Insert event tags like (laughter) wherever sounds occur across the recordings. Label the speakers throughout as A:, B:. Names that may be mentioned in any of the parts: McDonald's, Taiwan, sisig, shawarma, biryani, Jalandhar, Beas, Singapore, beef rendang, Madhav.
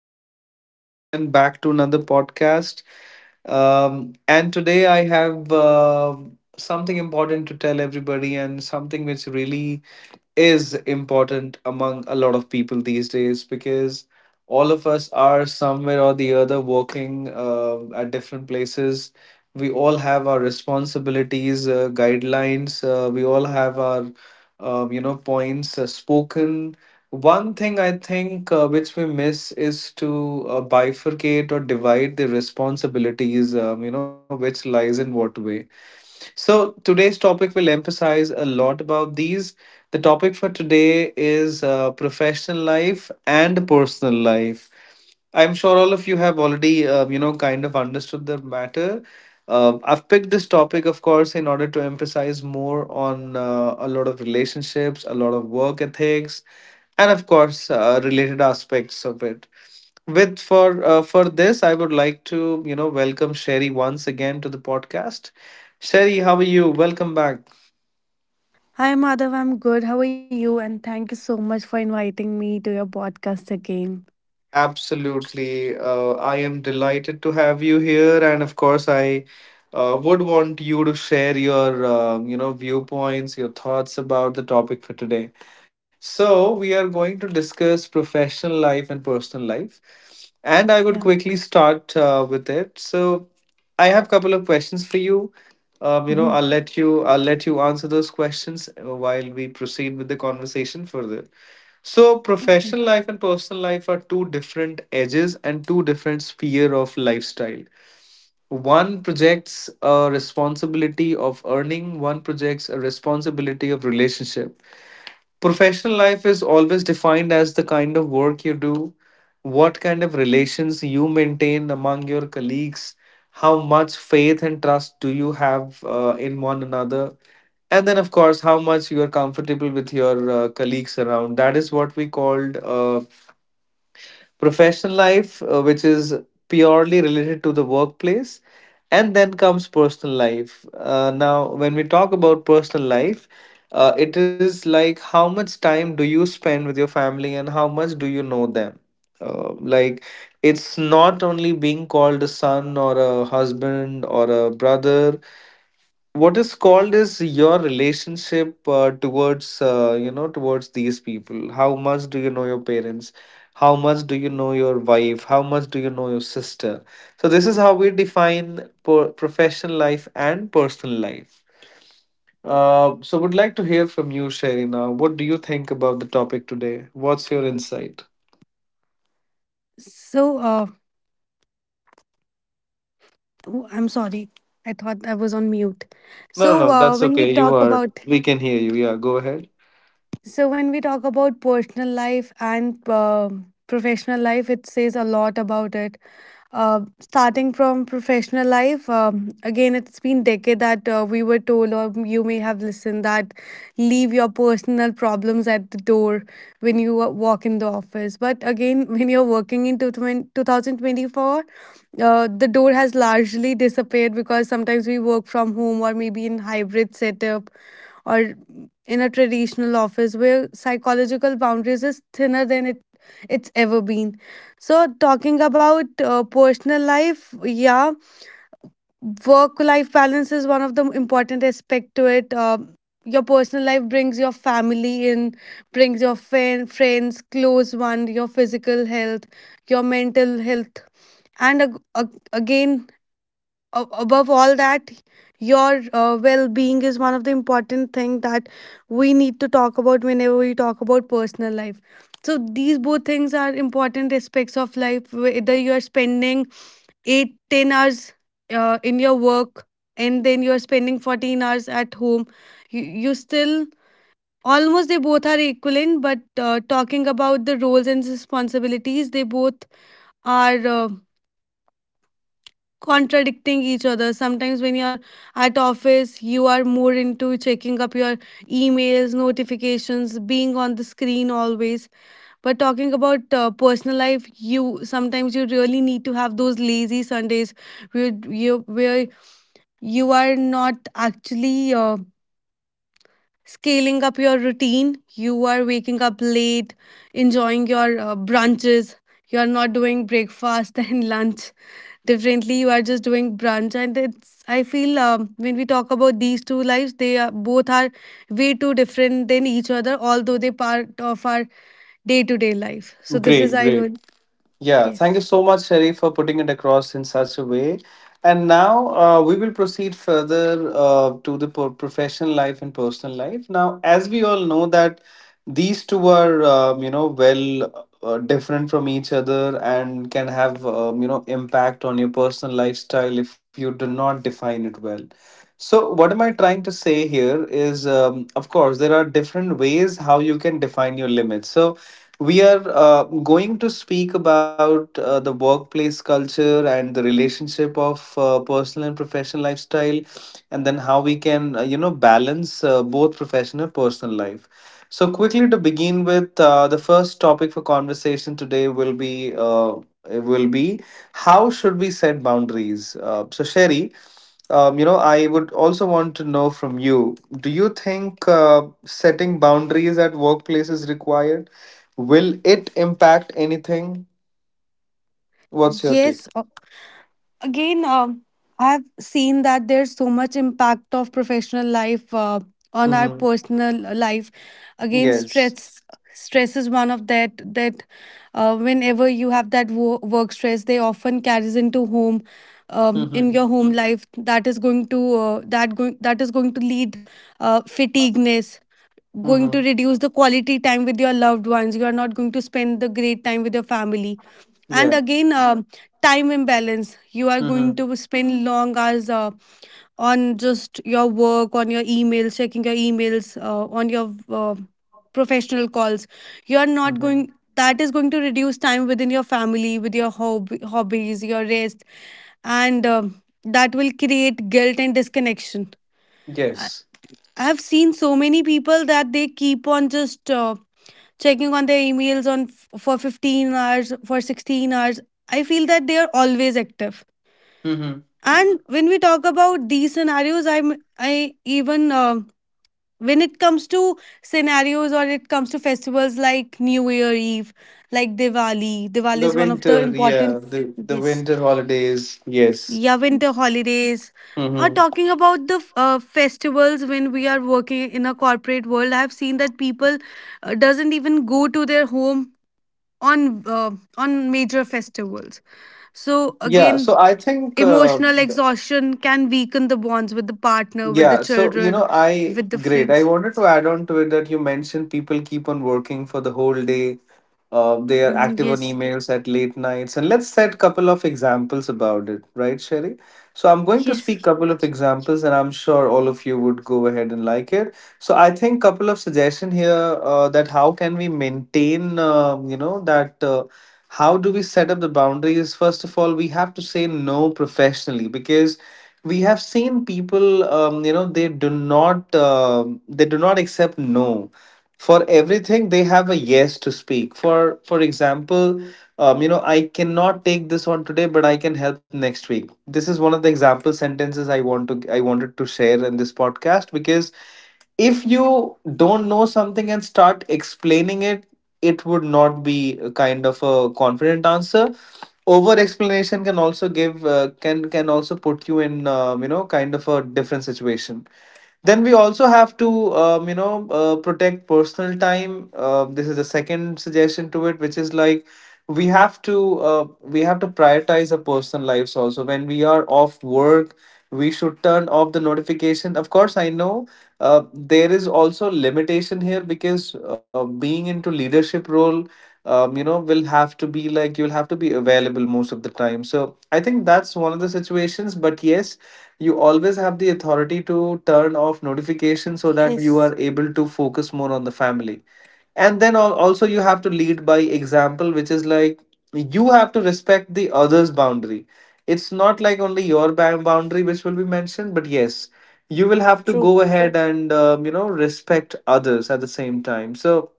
A: your host once again, back to another podcast. And today I have something important to tell everybody, and something which really is important among a lot of people these days, because all of us are somewhere or the other working at different places. We all have our responsibilities, guidelines. We all have our, points spoken. One thing I think which we miss is to bifurcate or divide the responsibilities, which lies in what way, so today's topic will emphasize a lot about these. The topic for today is professional life and personal life. I'm sure all of you have already, kind of understood the matter. I've picked this topic, of course, in order to emphasize more on a lot of relationships, a lot of work ethics, and of course, related aspects of it. With, for this, I would like to, you know, welcome Sherry once again to the podcast. Sherry, how are you? Welcome back.
B: Hi, Madhav. I'm good. How are you? And thank you so much for inviting me to your podcast again.
A: Absolutely. I am delighted to have you here, and of course, I would want you to share your, viewpoints, your thoughts about the topic for today. So, we are going to discuss professional life and personal life, and I would
B: Yeah.
A: quickly start with it. So, I have a couple of questions for you.
B: hmm
A: I'll let you answer those questions while we proceed with the conversation further. So,
B: Okay.
A: professional life and personal life are two different edges and two different sphere of lifestyle. One projects a responsibility of earning, one projects a responsibility of relationship. Professional life is always defined as the kind of work you do, what kind of relations you maintain among your colleagues, how much faith and trust do you have in one another, and then, of course, how much you are comfortable with your colleagues around. That is what we called. Professional life, which is purely related to the workplace. And then comes personal life. Now, when we talk about personal life, it is like, how much time do you spend with your family, and how much do you know them? Like, it's not only being called a son or a husband or a brother. What is called is your relationship towards, towards these people. How much do you know your parents? How much do you know your wife? How much do you know your sister? So this is how we define professional life and personal life. Uh, so would like to hear from you, Sherina. What do you think about the topic today? What's your insight?
B: So, I'm sorry. I thought I was on mute.
A: No, no,
B: So,
A: no,
B: uh,
A: that's
B: when we
A: okay. You
B: talk
A: are,
B: about
A: we can hear you. Yeah, go ahead.
B: So, when we talk about personal life and professional life, it says a lot about it. Starting from professional life, again, it's been decade that we were told, or you may have listened, that leave your personal problems at the door when you walk in the office. But again, (laughs) when you're working in 2024, the door has largely disappeared because sometimes we work from home or maybe in hybrid setup, or in a traditional office where psychological boundaries is thinner than it's ever been. So talking about personal life, yeah, work life balance is one of the important aspect to it. Your personal life brings your family in, brings your friends, close one, your physical health, your mental health, and again, above all that, your well-being is one of the important thing that we need to talk about whenever we talk about personal life. So these both things are important aspects of life. Whether you're spending 8, 10 hours in your work, and then you're spending 14 hours at home, you still almost they both are equivalent. But talking about the roles and responsibilities, they both are contradicting each other sometimes. When you're at office, you are more into checking up your emails, notifications, being on the screen always. But talking about personal life, you sometimes you really need to have those lazy Sundays where you are not actually scaling up your routine. You are waking up late, enjoying your brunches. You are not doing breakfast (laughs) and lunch differently. You are just doing brunch. And it's, I feel, when we talk about these two lives, they are both are way too different than each other, although they part of our day to day life. So this
A: Great,
B: is I
A: great.
B: really
A: Yeah,
B: yes
A: thank you so much, Sharif, for putting it across in such a way. And now we will proceed further to the professional life and personal life. Now, as we all know that these two are, well, different from each other, and can have, impact on your personal lifestyle if you do not define it well. So, what am I trying to say here is, of course, there are different ways how you can define your limits. So, we are going to speak about the workplace culture and the relationship of personal and professional lifestyle, and then how we can, balance both professional and personal life. So, quickly to begin with, the first topic for conversation today will be, how should we set boundaries. So, Sherry, I would also want to know from you. Do you think setting boundaries at workplace is required? Will it impact anything? What's your
B: yes.
A: take?
B: Again, I've seen that there's so much impact of professional life on our
A: Mm-hmm.
B: personal life. Again,
A: Yes.
B: stress is one of that that, whenever you have that work stress, they often carries into home, in
A: Mm-hmm.
B: your home life. That is going to that is going to lead fatigueness, going to
A: Mm-hmm.
B: reduce the quality time with your loved ones. You are not going to spend the great time with your family. And
A: Yeah.
B: again, time imbalance, you are going
A: Mm-hmm.
B: to spend long hours on just your work, on your emails, checking your emails, on your professional calls. You are not
A: Mm-hmm.
B: going, that is going to reduce time within your family, with your hobbies, your rest, and that will create guilt and disconnection. I-
A: Yes.
B: I've seen so many people that they keep on just checking on their emails on for 15 hours, for 16 hours. I feel that they are always active.
A: Mm-hmm.
B: And when we talk about these scenarios, I'm I even when it comes to scenarios, or it comes to festivals like new year eve, like diwali
A: The
B: is one of the
A: winter, yeah.
B: important
A: The
B: yes.
A: winter holidays. Yes.
B: Yeah, winter holidays, or
A: Mm-hmm.
B: talking about the festivals, when we are working in a corporate world, I have seen that people doesn't even go to their home on uh, on major festivals. So
A: Yeah.
B: again,
A: So I think
B: emotional exhaustion can weaken the bonds with the partner, with the
A: yeah, so you
B: children,
A: know, I
B: with the
A: great. I
B: friends.
A: wanted to add on to it that you mentioned people keep on working for the whole day. They are
B: Mm,
A: active on
B: yes.
A: emails at late nights, and let's set couple of examples about it, right, Sherry? So I'm going to
B: Yes,
A: speak couple of examples, and I'm sure all of you would go ahead and like it. So I think couple of suggestion here, that how can we maintain, that. How do we set up the boundaries? First of all, we have to say no professionally, because we have seen people, they do not, they do not accept no for everything. They have a yes to speak for. For example, you know, I cannot take this on today, but I can help next week. This is one of the example sentences I wanted to share in this podcast, because if you don't know something and start explaining it, it would not be a kind of a confident answer. Over explanation can also give, can also put you in, kind of a different situation. Then we also have to, protect personal time. Uh, this is the second suggestion to it, which is like, we have to, we have to prioritize our personal lives also. When we are off work, we should turn off the notification. Of course, I know, there is also limitation here, because being into leadership role, will have to be like, you'll have to be available most of the time. So I think that's one of the situations. But yes, you always have the authority to turn off notifications, so that you
B: yes,
A: are able to focus more on the family. And then, also, you have to lead by example, which is like, you have to respect the other's boundary. It's not like only your boundary which will be mentioned, but yes, you will have to
B: true.
A: go ahead and, you know, respect others at the same time. So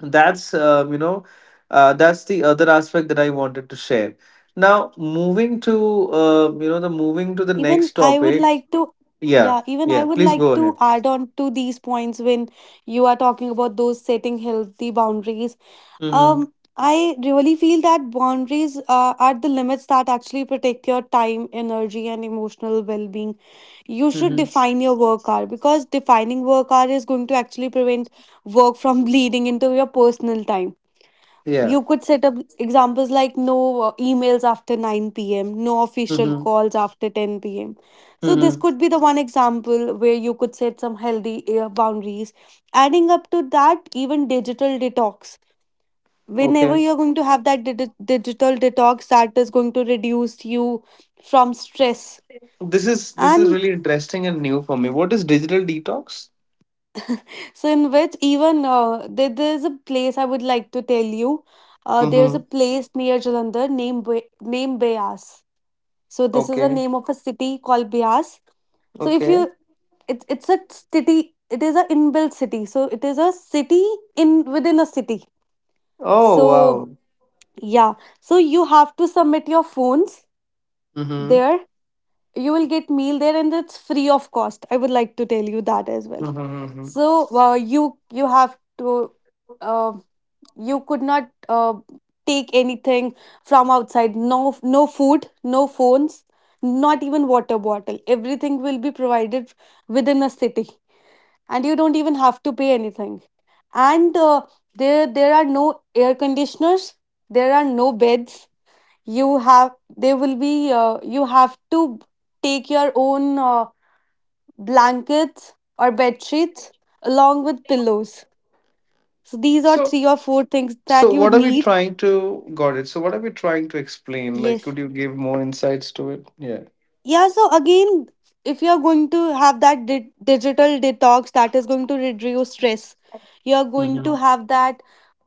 A: that's, that's the other aspect that I wanted to share. Now moving to, the moving to the
B: Even
A: next
B: I would
A: topic.
B: like to,
A: Yeah.
B: yeah, even I
A: Yeah.
B: would
A: Please
B: like
A: go
B: to
A: ahead.
B: add on to these points when you are talking about those setting healthy boundaries.
A: Mm-hmm.
B: Um, I really feel that boundaries are the limits that actually protect your time, energy, and emotional well being. You should
A: Mm-hmm.
B: define your work hour because defining work hour is going to actually prevent work from (laughs) bleeding into your personal time.
A: Yeah.
B: You could set up examples like no emails after 9 p.m., no official
A: Mm-hmm.
B: calls after 10 p.m. So, this
A: Mm-hmm.
B: could be the one example where you could set some healthy boundaries. Adding up to that, even digital detox, whenever
A: Okay.
B: you're going to have that digital detox, that is going to reduce you from stress.
A: This is, this is
B: And
A: really interesting and new for me. What is digital detox?
B: so in which even there's a place I would like to tell you, there's a
A: Mm-hmm.
B: place near Jalandhar named named Beas. So this is the
A: Okay.
B: name of a city called Beas. So if you,
A: Okay.
B: it's a city, it is a inbuilt city, so it is a city in within a city.
A: Oh
B: So
A: wow.
B: yeah, so you have to submit your phones
A: Mm-hmm.
B: there. You will get meal there, and it's free of cost, I would like to tell you that as well.
A: Mm-hmm.
B: So you have to uh, you could not take anything from outside. No, no food, no phones, not even water bottle, everything will be provided within a city. And you don't even have to pay anything. And there there are no air conditioners, there are no beds. You have there will be you have to take your own blankets or bed sheets along with pillows. So these are
A: So,
B: three or four things
A: so
B: that you
A: what are we
B: need.
A: trying to, got it? So what are we trying to explain? Like,
B: Yes.
A: could you give more insights to it? Yeah.
B: Yeah, so again, if you're going to have that digital detox, that is going to reduce stress, you're going to
A: Mm-hmm.
B: have that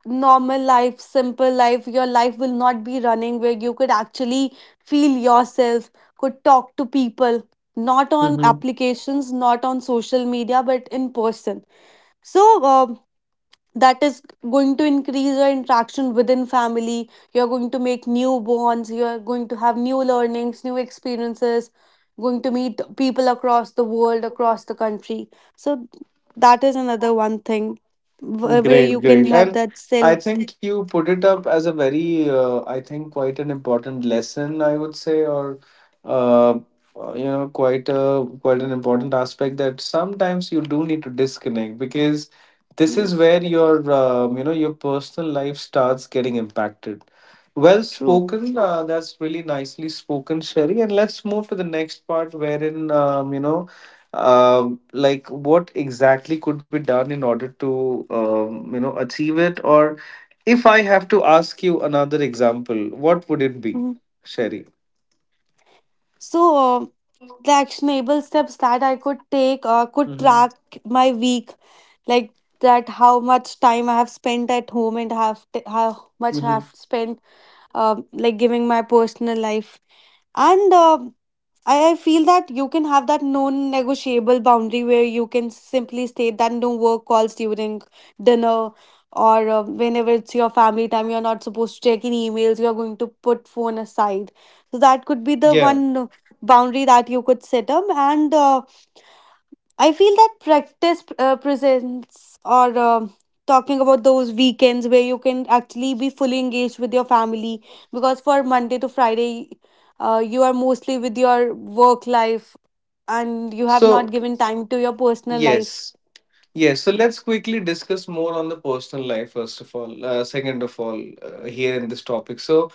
B: normal life, simple life. Your life will not be running where you could actually feel yourself, could talk to people, not on
A: Mm-hmm.
B: applications, not on social media, but in person. So, that is going to increase your interaction within family. You're going to make new bonds, you're going to have new learnings, new experiences, going to meet people across the world, across the country. So that is another one thing where you
A: Great,
B: can
A: great.
B: have
A: And
B: that
A: I
B: self
A: think you put it up as a very, I think, quite an important lesson, I would say, or, uh, you know, quite a quite an important aspect, that sometimes you do need to disconnect, because this is
B: yes
A: where your, you know, your personal life starts getting impacted. Well
B: true.
A: spoken. That's really nicely spoken, Sherry. And let's move to the next part, wherein, like what exactly could be done in order to, you know, achieve it. Or if I have to ask you another example, what would it be,
B: Mhm.
A: Sherry?
B: So the actionable steps that I could take, could
A: Mm-hmm.
B: track my week, like that how much time I have spent at home, and have how much I
A: Mm-hmm.
B: have spent like giving my personal life. And I feel that you can have that non negotiable boundary where you can simply state that no work calls during dinner, or whenever it's your family time, you're not supposed to check in emails, you're going to put phone aside. So that could be the
A: Yeah,
B: one boundary that you could set up. And I feel that practice presents, or talking about those weekends where you can actually be fully engaged with your family, because for Monday to Friday, you are mostly with your work life, and you have not
A: so
B: given time to your personal life.
A: yes. Yes, so let's quickly discuss more on the personal life, first of all, second of all, here in this topic. So,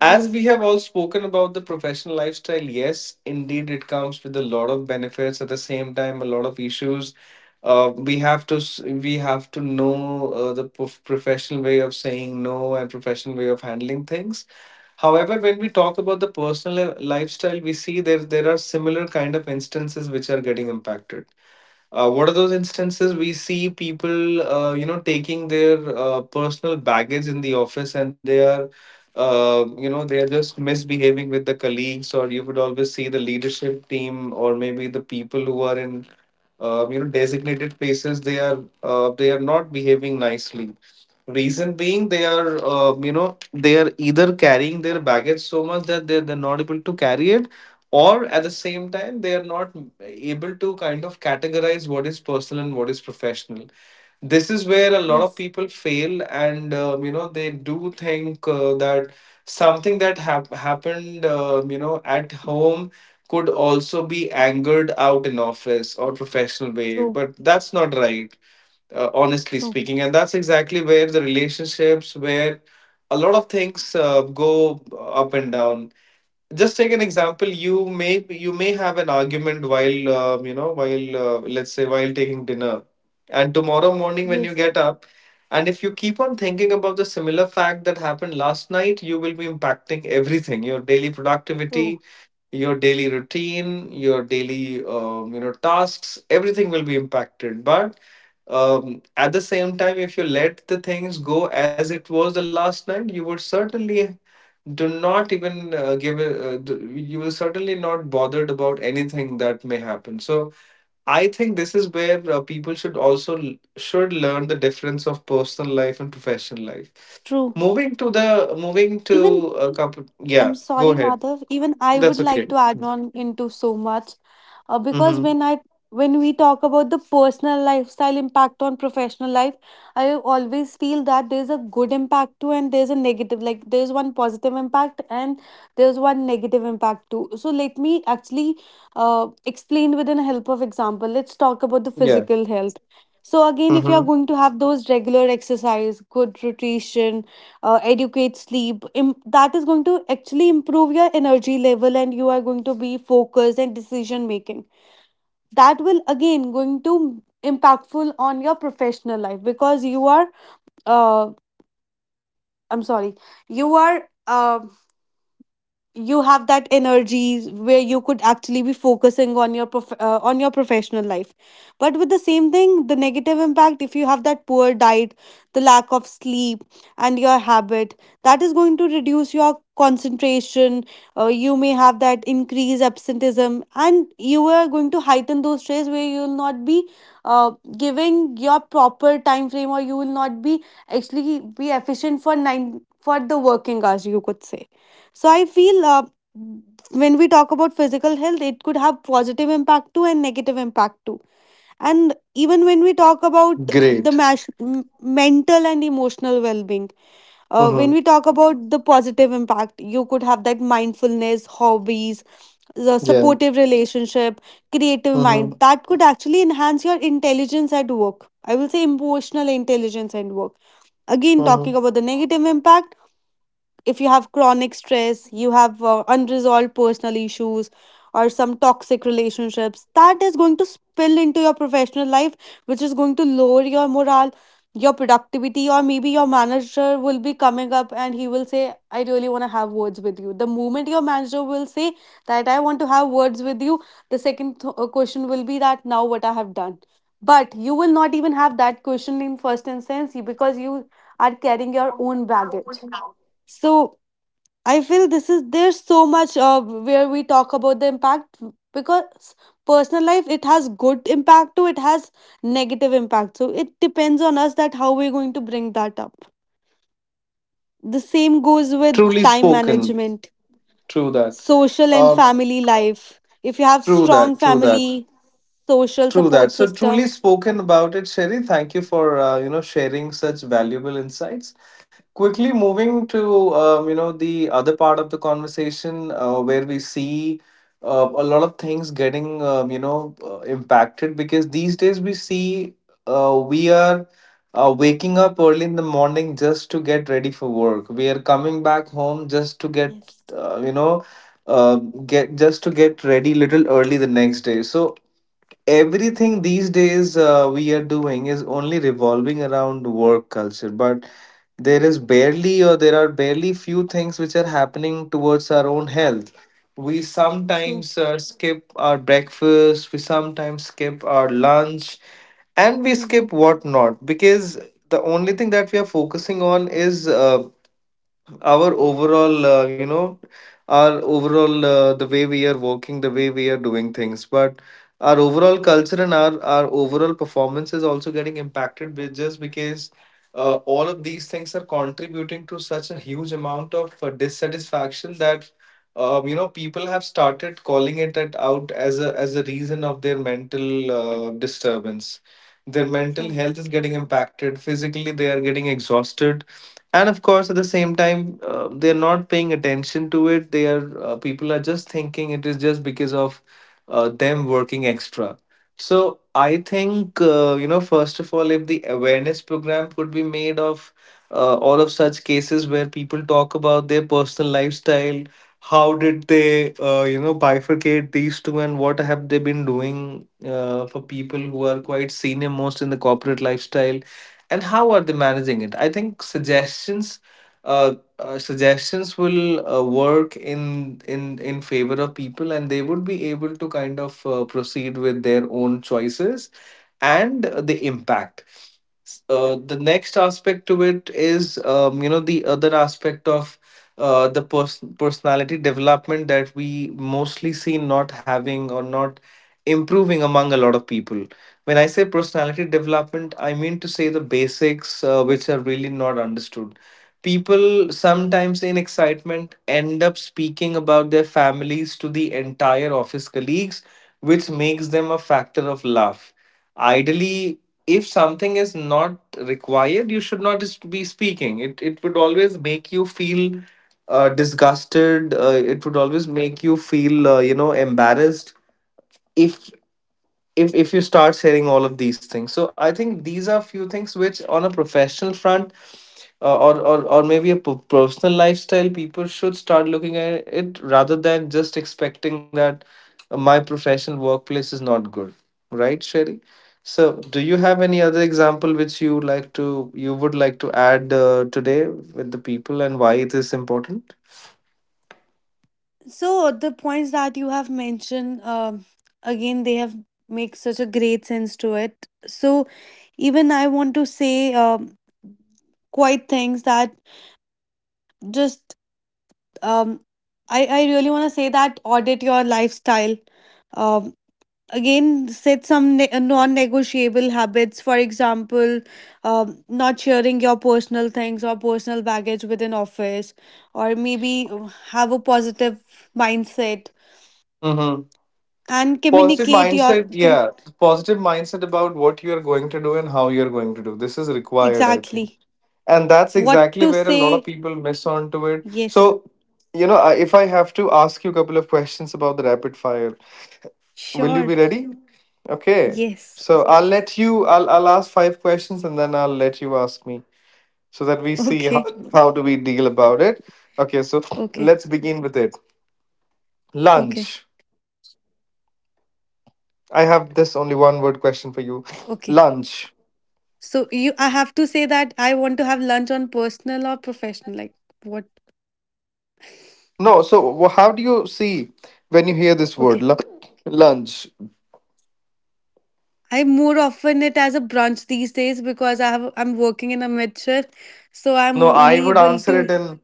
A: as we have all spoken about the professional lifestyle, yes, indeed, it comes with a lot of benefits. At the same time, a lot of issues. Uh, we have to s- we have to know the professional way of saying no, and professional way of handling things. However, when we talk about the personal lifestyle, we see there are similar kind of instances which are getting impacted. What are those instances? We see people taking their personal baggage in the office, and they are they are just misbehaving with the colleagues. Or you would always see the leadership team, or maybe the people who are in designated places. They are they are not behaving nicely, reason being they are they are either carrying their baggage so much that they're not able to carry it, or at the same time they are not able to kind of categorize what is personal and what is professional. This is where a lot of
B: yes,
A: people fail, and they do think that something that happened at home could also be angered out in office or professional way,
B: true,
A: but that's not right, honestly
B: true,
A: speaking. And that's exactly where the relationships, where a lot of things go up and down. Just take an example. You may you may have an argument while let's say, while taking dinner. And tomorrow morning when you
B: yes,
A: get up, and if you keep on thinking about the similar fact that happened last night, you will be impacting everything: your daily
B: true.
A: productivity, your daily routine, your daily tasks, everything will be impacted. But at the same time, if you let the things go as it was the last night, you would certainly do not even you will certainly not bothered about anything that may happen. So I think this is where people should also should learn the difference of personal life and professional life.
B: True.
A: Moving to the moving
B: Even
A: to a couple. Yeah,
B: I'm
A: go
B: sorry,
A: ahead.
B: Madhav. Even I
A: That's
B: would
A: okay.
B: like to add on into so much, because
A: Mm-hmm.
B: when I when we talk about the personal lifestyle impact on professional life, I always feel that there's a good impact too, and there's a negative. Like, there's one positive impact and there's one negative impact too. So let me actually explain with an help of example. Let's talk about the
A: Yeah.
B: physical health. So again, if you are
A: Mm-hmm.
B: going to have those regular exercise, good nutrition, educate sleep that is going to actually improve your energy level, and you are going to be focused and decision making. That will again going to impactful on your professional life because you are uh, i'm sorry you are uh, you have that energy where you could actually be focusing on your on your professional life. But with the same thing, the negative impact, if you have that poor diet, the lack of sleep, and your habit, that is going to reduce your concentration. You may have that increased absenteeism, and you are going to heighten those stress where you will not be uh, giving your proper time frame, or you will not be actually be efficient for nine, for the working hours you could say. So I feel, when we talk about physical health, it could have positive impact too and negative impact too. And even when we talk about the
A: Great.
B: mental and emotional well-being, when we
A: Mm-hmm.
B: talk about the positive impact, you could have that mindfulness, hobbies, the
A: Yeah.
B: supportive relationship, creative mind
A: Mm-hmm.
B: that could actually enhance your intelligence at work. I will say emotional intelligence at work. Again, talking
A: Mm-hmm.
B: about the negative impact, if you have chronic stress, you have unresolved personal issues, or some toxic relationships, that is going to spill into your professional life, which is going to lower your morale, your productivity, or maybe your manager will be coming up and he will say, I really want to have words with you. The moment your manager will say that I want to have words with you, the second question will be that now what I have done. But you will not even have that question in first instance because you are carrying your own baggage. So I feel this is there's so much where we talk about the impact, because personal life, it has good impact too, it has negative impact. So it depends on us that how we're going to bring that up. The same goes with
A: Truly
B: time
A: spoken.
B: management,
A: True that,
B: social and
A: uh,
B: family life, if you have
A: true that,
B: strong
A: true that,
B: family social
A: true that.
B: support
A: So truly
B: system.
A: spoken about it, Sherry. Thank you for sharing such valuable insights. Quickly moving to the other part of the conversation, where we see a lot of things getting impacted, because these days we see we are waking up early in the morning just to get ready for work. We are coming back home just to get
B: Yes,
A: you know uh, get just to get ready little early the next day. So everything these days we are doing is only revolving around work culture. But there is barely, or there are barely few things which are happening towards our own health. We
B: true.
A: sometimes skip our breakfast, we sometimes skip our lunch, and we
B: Mm-hmm.
A: skip whatnot, because the only thing that we are focusing on is our overall, our overall, the way we are working, the way we are doing things. But our overall culture and our overall performance is also getting impacted, just because all of these things are contributing to such a huge amount of dissatisfaction, that people have started calling it out as a reason of their mental disturbance. Their mental
B: True.
A: health is getting impacted, physically they are getting exhausted. And of course at the same time they're not paying attention to it. They are uh, people are just thinking it is just because of them working extra. So I think, first of all, if the awareness program could be made of all of such cases where people talk about their personal lifestyle, how did they bifurcate these two, and what have they been doing for people who are quite senior most in the corporate lifestyle, and how are they managing it? I think suggestions, uh, suggestions will work in favor of people, and they would be able to kind of proceed with their own choices, and the impact. The next aspect to it is, the other aspect of the personality development, that we mostly see not having or not improving among a lot of people. When I say personality development, I mean to say the basics, which are really not understood. People sometimes in excitement end up speaking about their families to the entire office colleagues, which makes them a factor of laugh. Ideally, if something is not required, you should not just be speaking it. It would always make you feel disgusted, it would always make you feel embarrassed, if if you start sharing all of these things. So I think these are few things which on a professional front, or maybe a personal lifestyle, people should start looking at, it rather than just expecting that my professional workplace is not good. Right, Sherry? So do you have any other example which you would like to add today with the people, and why it is important?
B: So the points that you have mentioned, again, they have make such a great sense to it. So even I want to say, quite things that just, um, I really want to say that audit your lifestyle. Um, Again, set some non negotiable habits. For example, not sharing your personal things or personal baggage within office, or maybe have a positive mindset,
A: Mm-hmm.
B: and
A: Positive
B: communicate your
A: mindset,
B: com-
A: yeah. Positive mindset about what you are going to do and how you are going to do this is required, I think.
B: exactly,
A: And that's
B: what
A: exactly
B: to
A: where a lot of
B: say.
A: people miss onto it. So,
B: Yes,
A: if I have to ask you a couple of questions about the rapid fire, will you
B: sure,
A: be ready? Okay,
B: yes,
A: so I'll let you I'll ask five questions and then I'll let you ask me, so that we
B: (laughs)
A: see
B: okay.
A: how do we deal about it. Okay, so
B: Okay,
A: let's begin with it.
B: okay,
A: Lunch. I have this only one word question for you.
B: okay.
A: Lunch.
B: So you, I have to say that I want to have lunch on personal or professional. Like what?
A: No, so how do you see when you hear this word,
B: Okay,
A: lunch?
B: I more often it as a brunch these days because I have I'm working in a mid shift, so I'm
A: No, I
B: only
A: would
B: able
A: answer it
B: to
A: in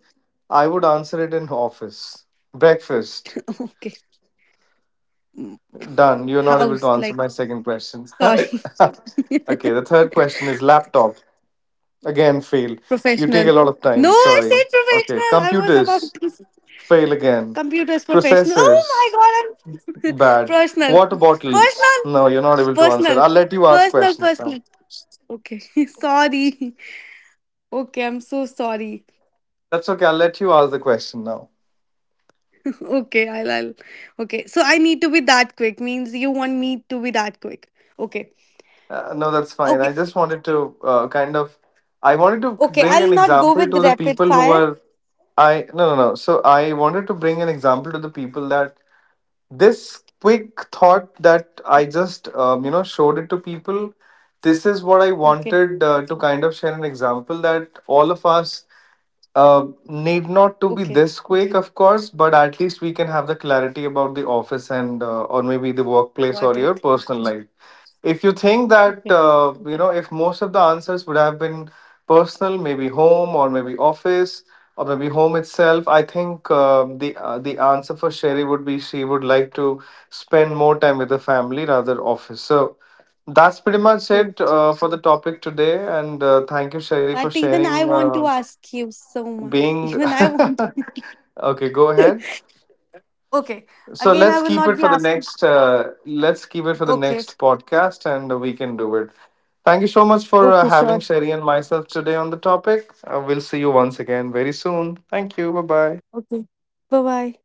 A: I would answer it in office. Breakfast.
B: (laughs) okay. Mm,
A: Done. You're not able to
B: house
A: answer
B: like,
A: my second question. (laughs)
B: sorry.
A: Okay, the
B: (laughs)
A: third question is laptop. Again, fail. You take
B: Professional.
A: a lot of
B: No,
A: time.
B: I said
A: Sorry. Okay,
B: professional. I was about
A: computers.
B: to
A: Fail again.
B: computers professional. Oh
A: Processors.
B: my god, I'm (laughs)
A: Bad.
B: personal.
A: Water bottles.
B: Personal.
A: No, you're not able to answer.
B: Personal.
A: I'll let you ask
B: Personal
A: questions
B: personal.
A: now.
B: Okay. (laughs) sorry. Okay, I'm so sorry.
A: That's okay. I'll let you ask the question now.
B: (laughs) okay, I'll okay. So I need to be that quick. Means you want me to be that quick. Okay.
A: No, that's fine.
B: Okay.
A: I just wanted to kind of, I wanted to
B: Okay.
A: bring an
B: I'll not go
A: example
B: with
A: to the
B: rapid
A: people who
B: fire.
A: are, no, no, no. So I wanted to bring an example to the people, that this quick thought that I just, showed it to people. This is what I
B: Okay.
A: wanted to kind of share an example, that all of us need not to be
B: Okay.
A: this quick, of course, but at least we can have the clarity about the office, and or maybe the workplace,
B: Got
A: or your
B: it.
A: personal life. If you think that
B: Okay.
A: if most of the answers would have been personal, maybe home or maybe office or maybe home itself, I think the answer for Sherry would be she would like to spend more time with the family rather office. So that's pretty much
B: True.
A: it for the topic today, and thank you, Sherry, for
B: But even I
A: sharing.
B: want to ask you so much. (laughs)
A: Being
B: Even I want. (laughs)
A: (laughs) okay, go ahead.
B: Okay.
A: So
B: Again, I
A: let's
B: will
A: keep
B: not
A: it
B: be
A: for the
B: asking.
A: next, let's keep it for the
B: Okay,
A: next podcast, and we can do it. Thank you so much for
B: okay, sure.
A: having Sherry and myself today on the topic. We'll see you once again very soon. Thank you, bye bye.
B: Okay. Bye bye.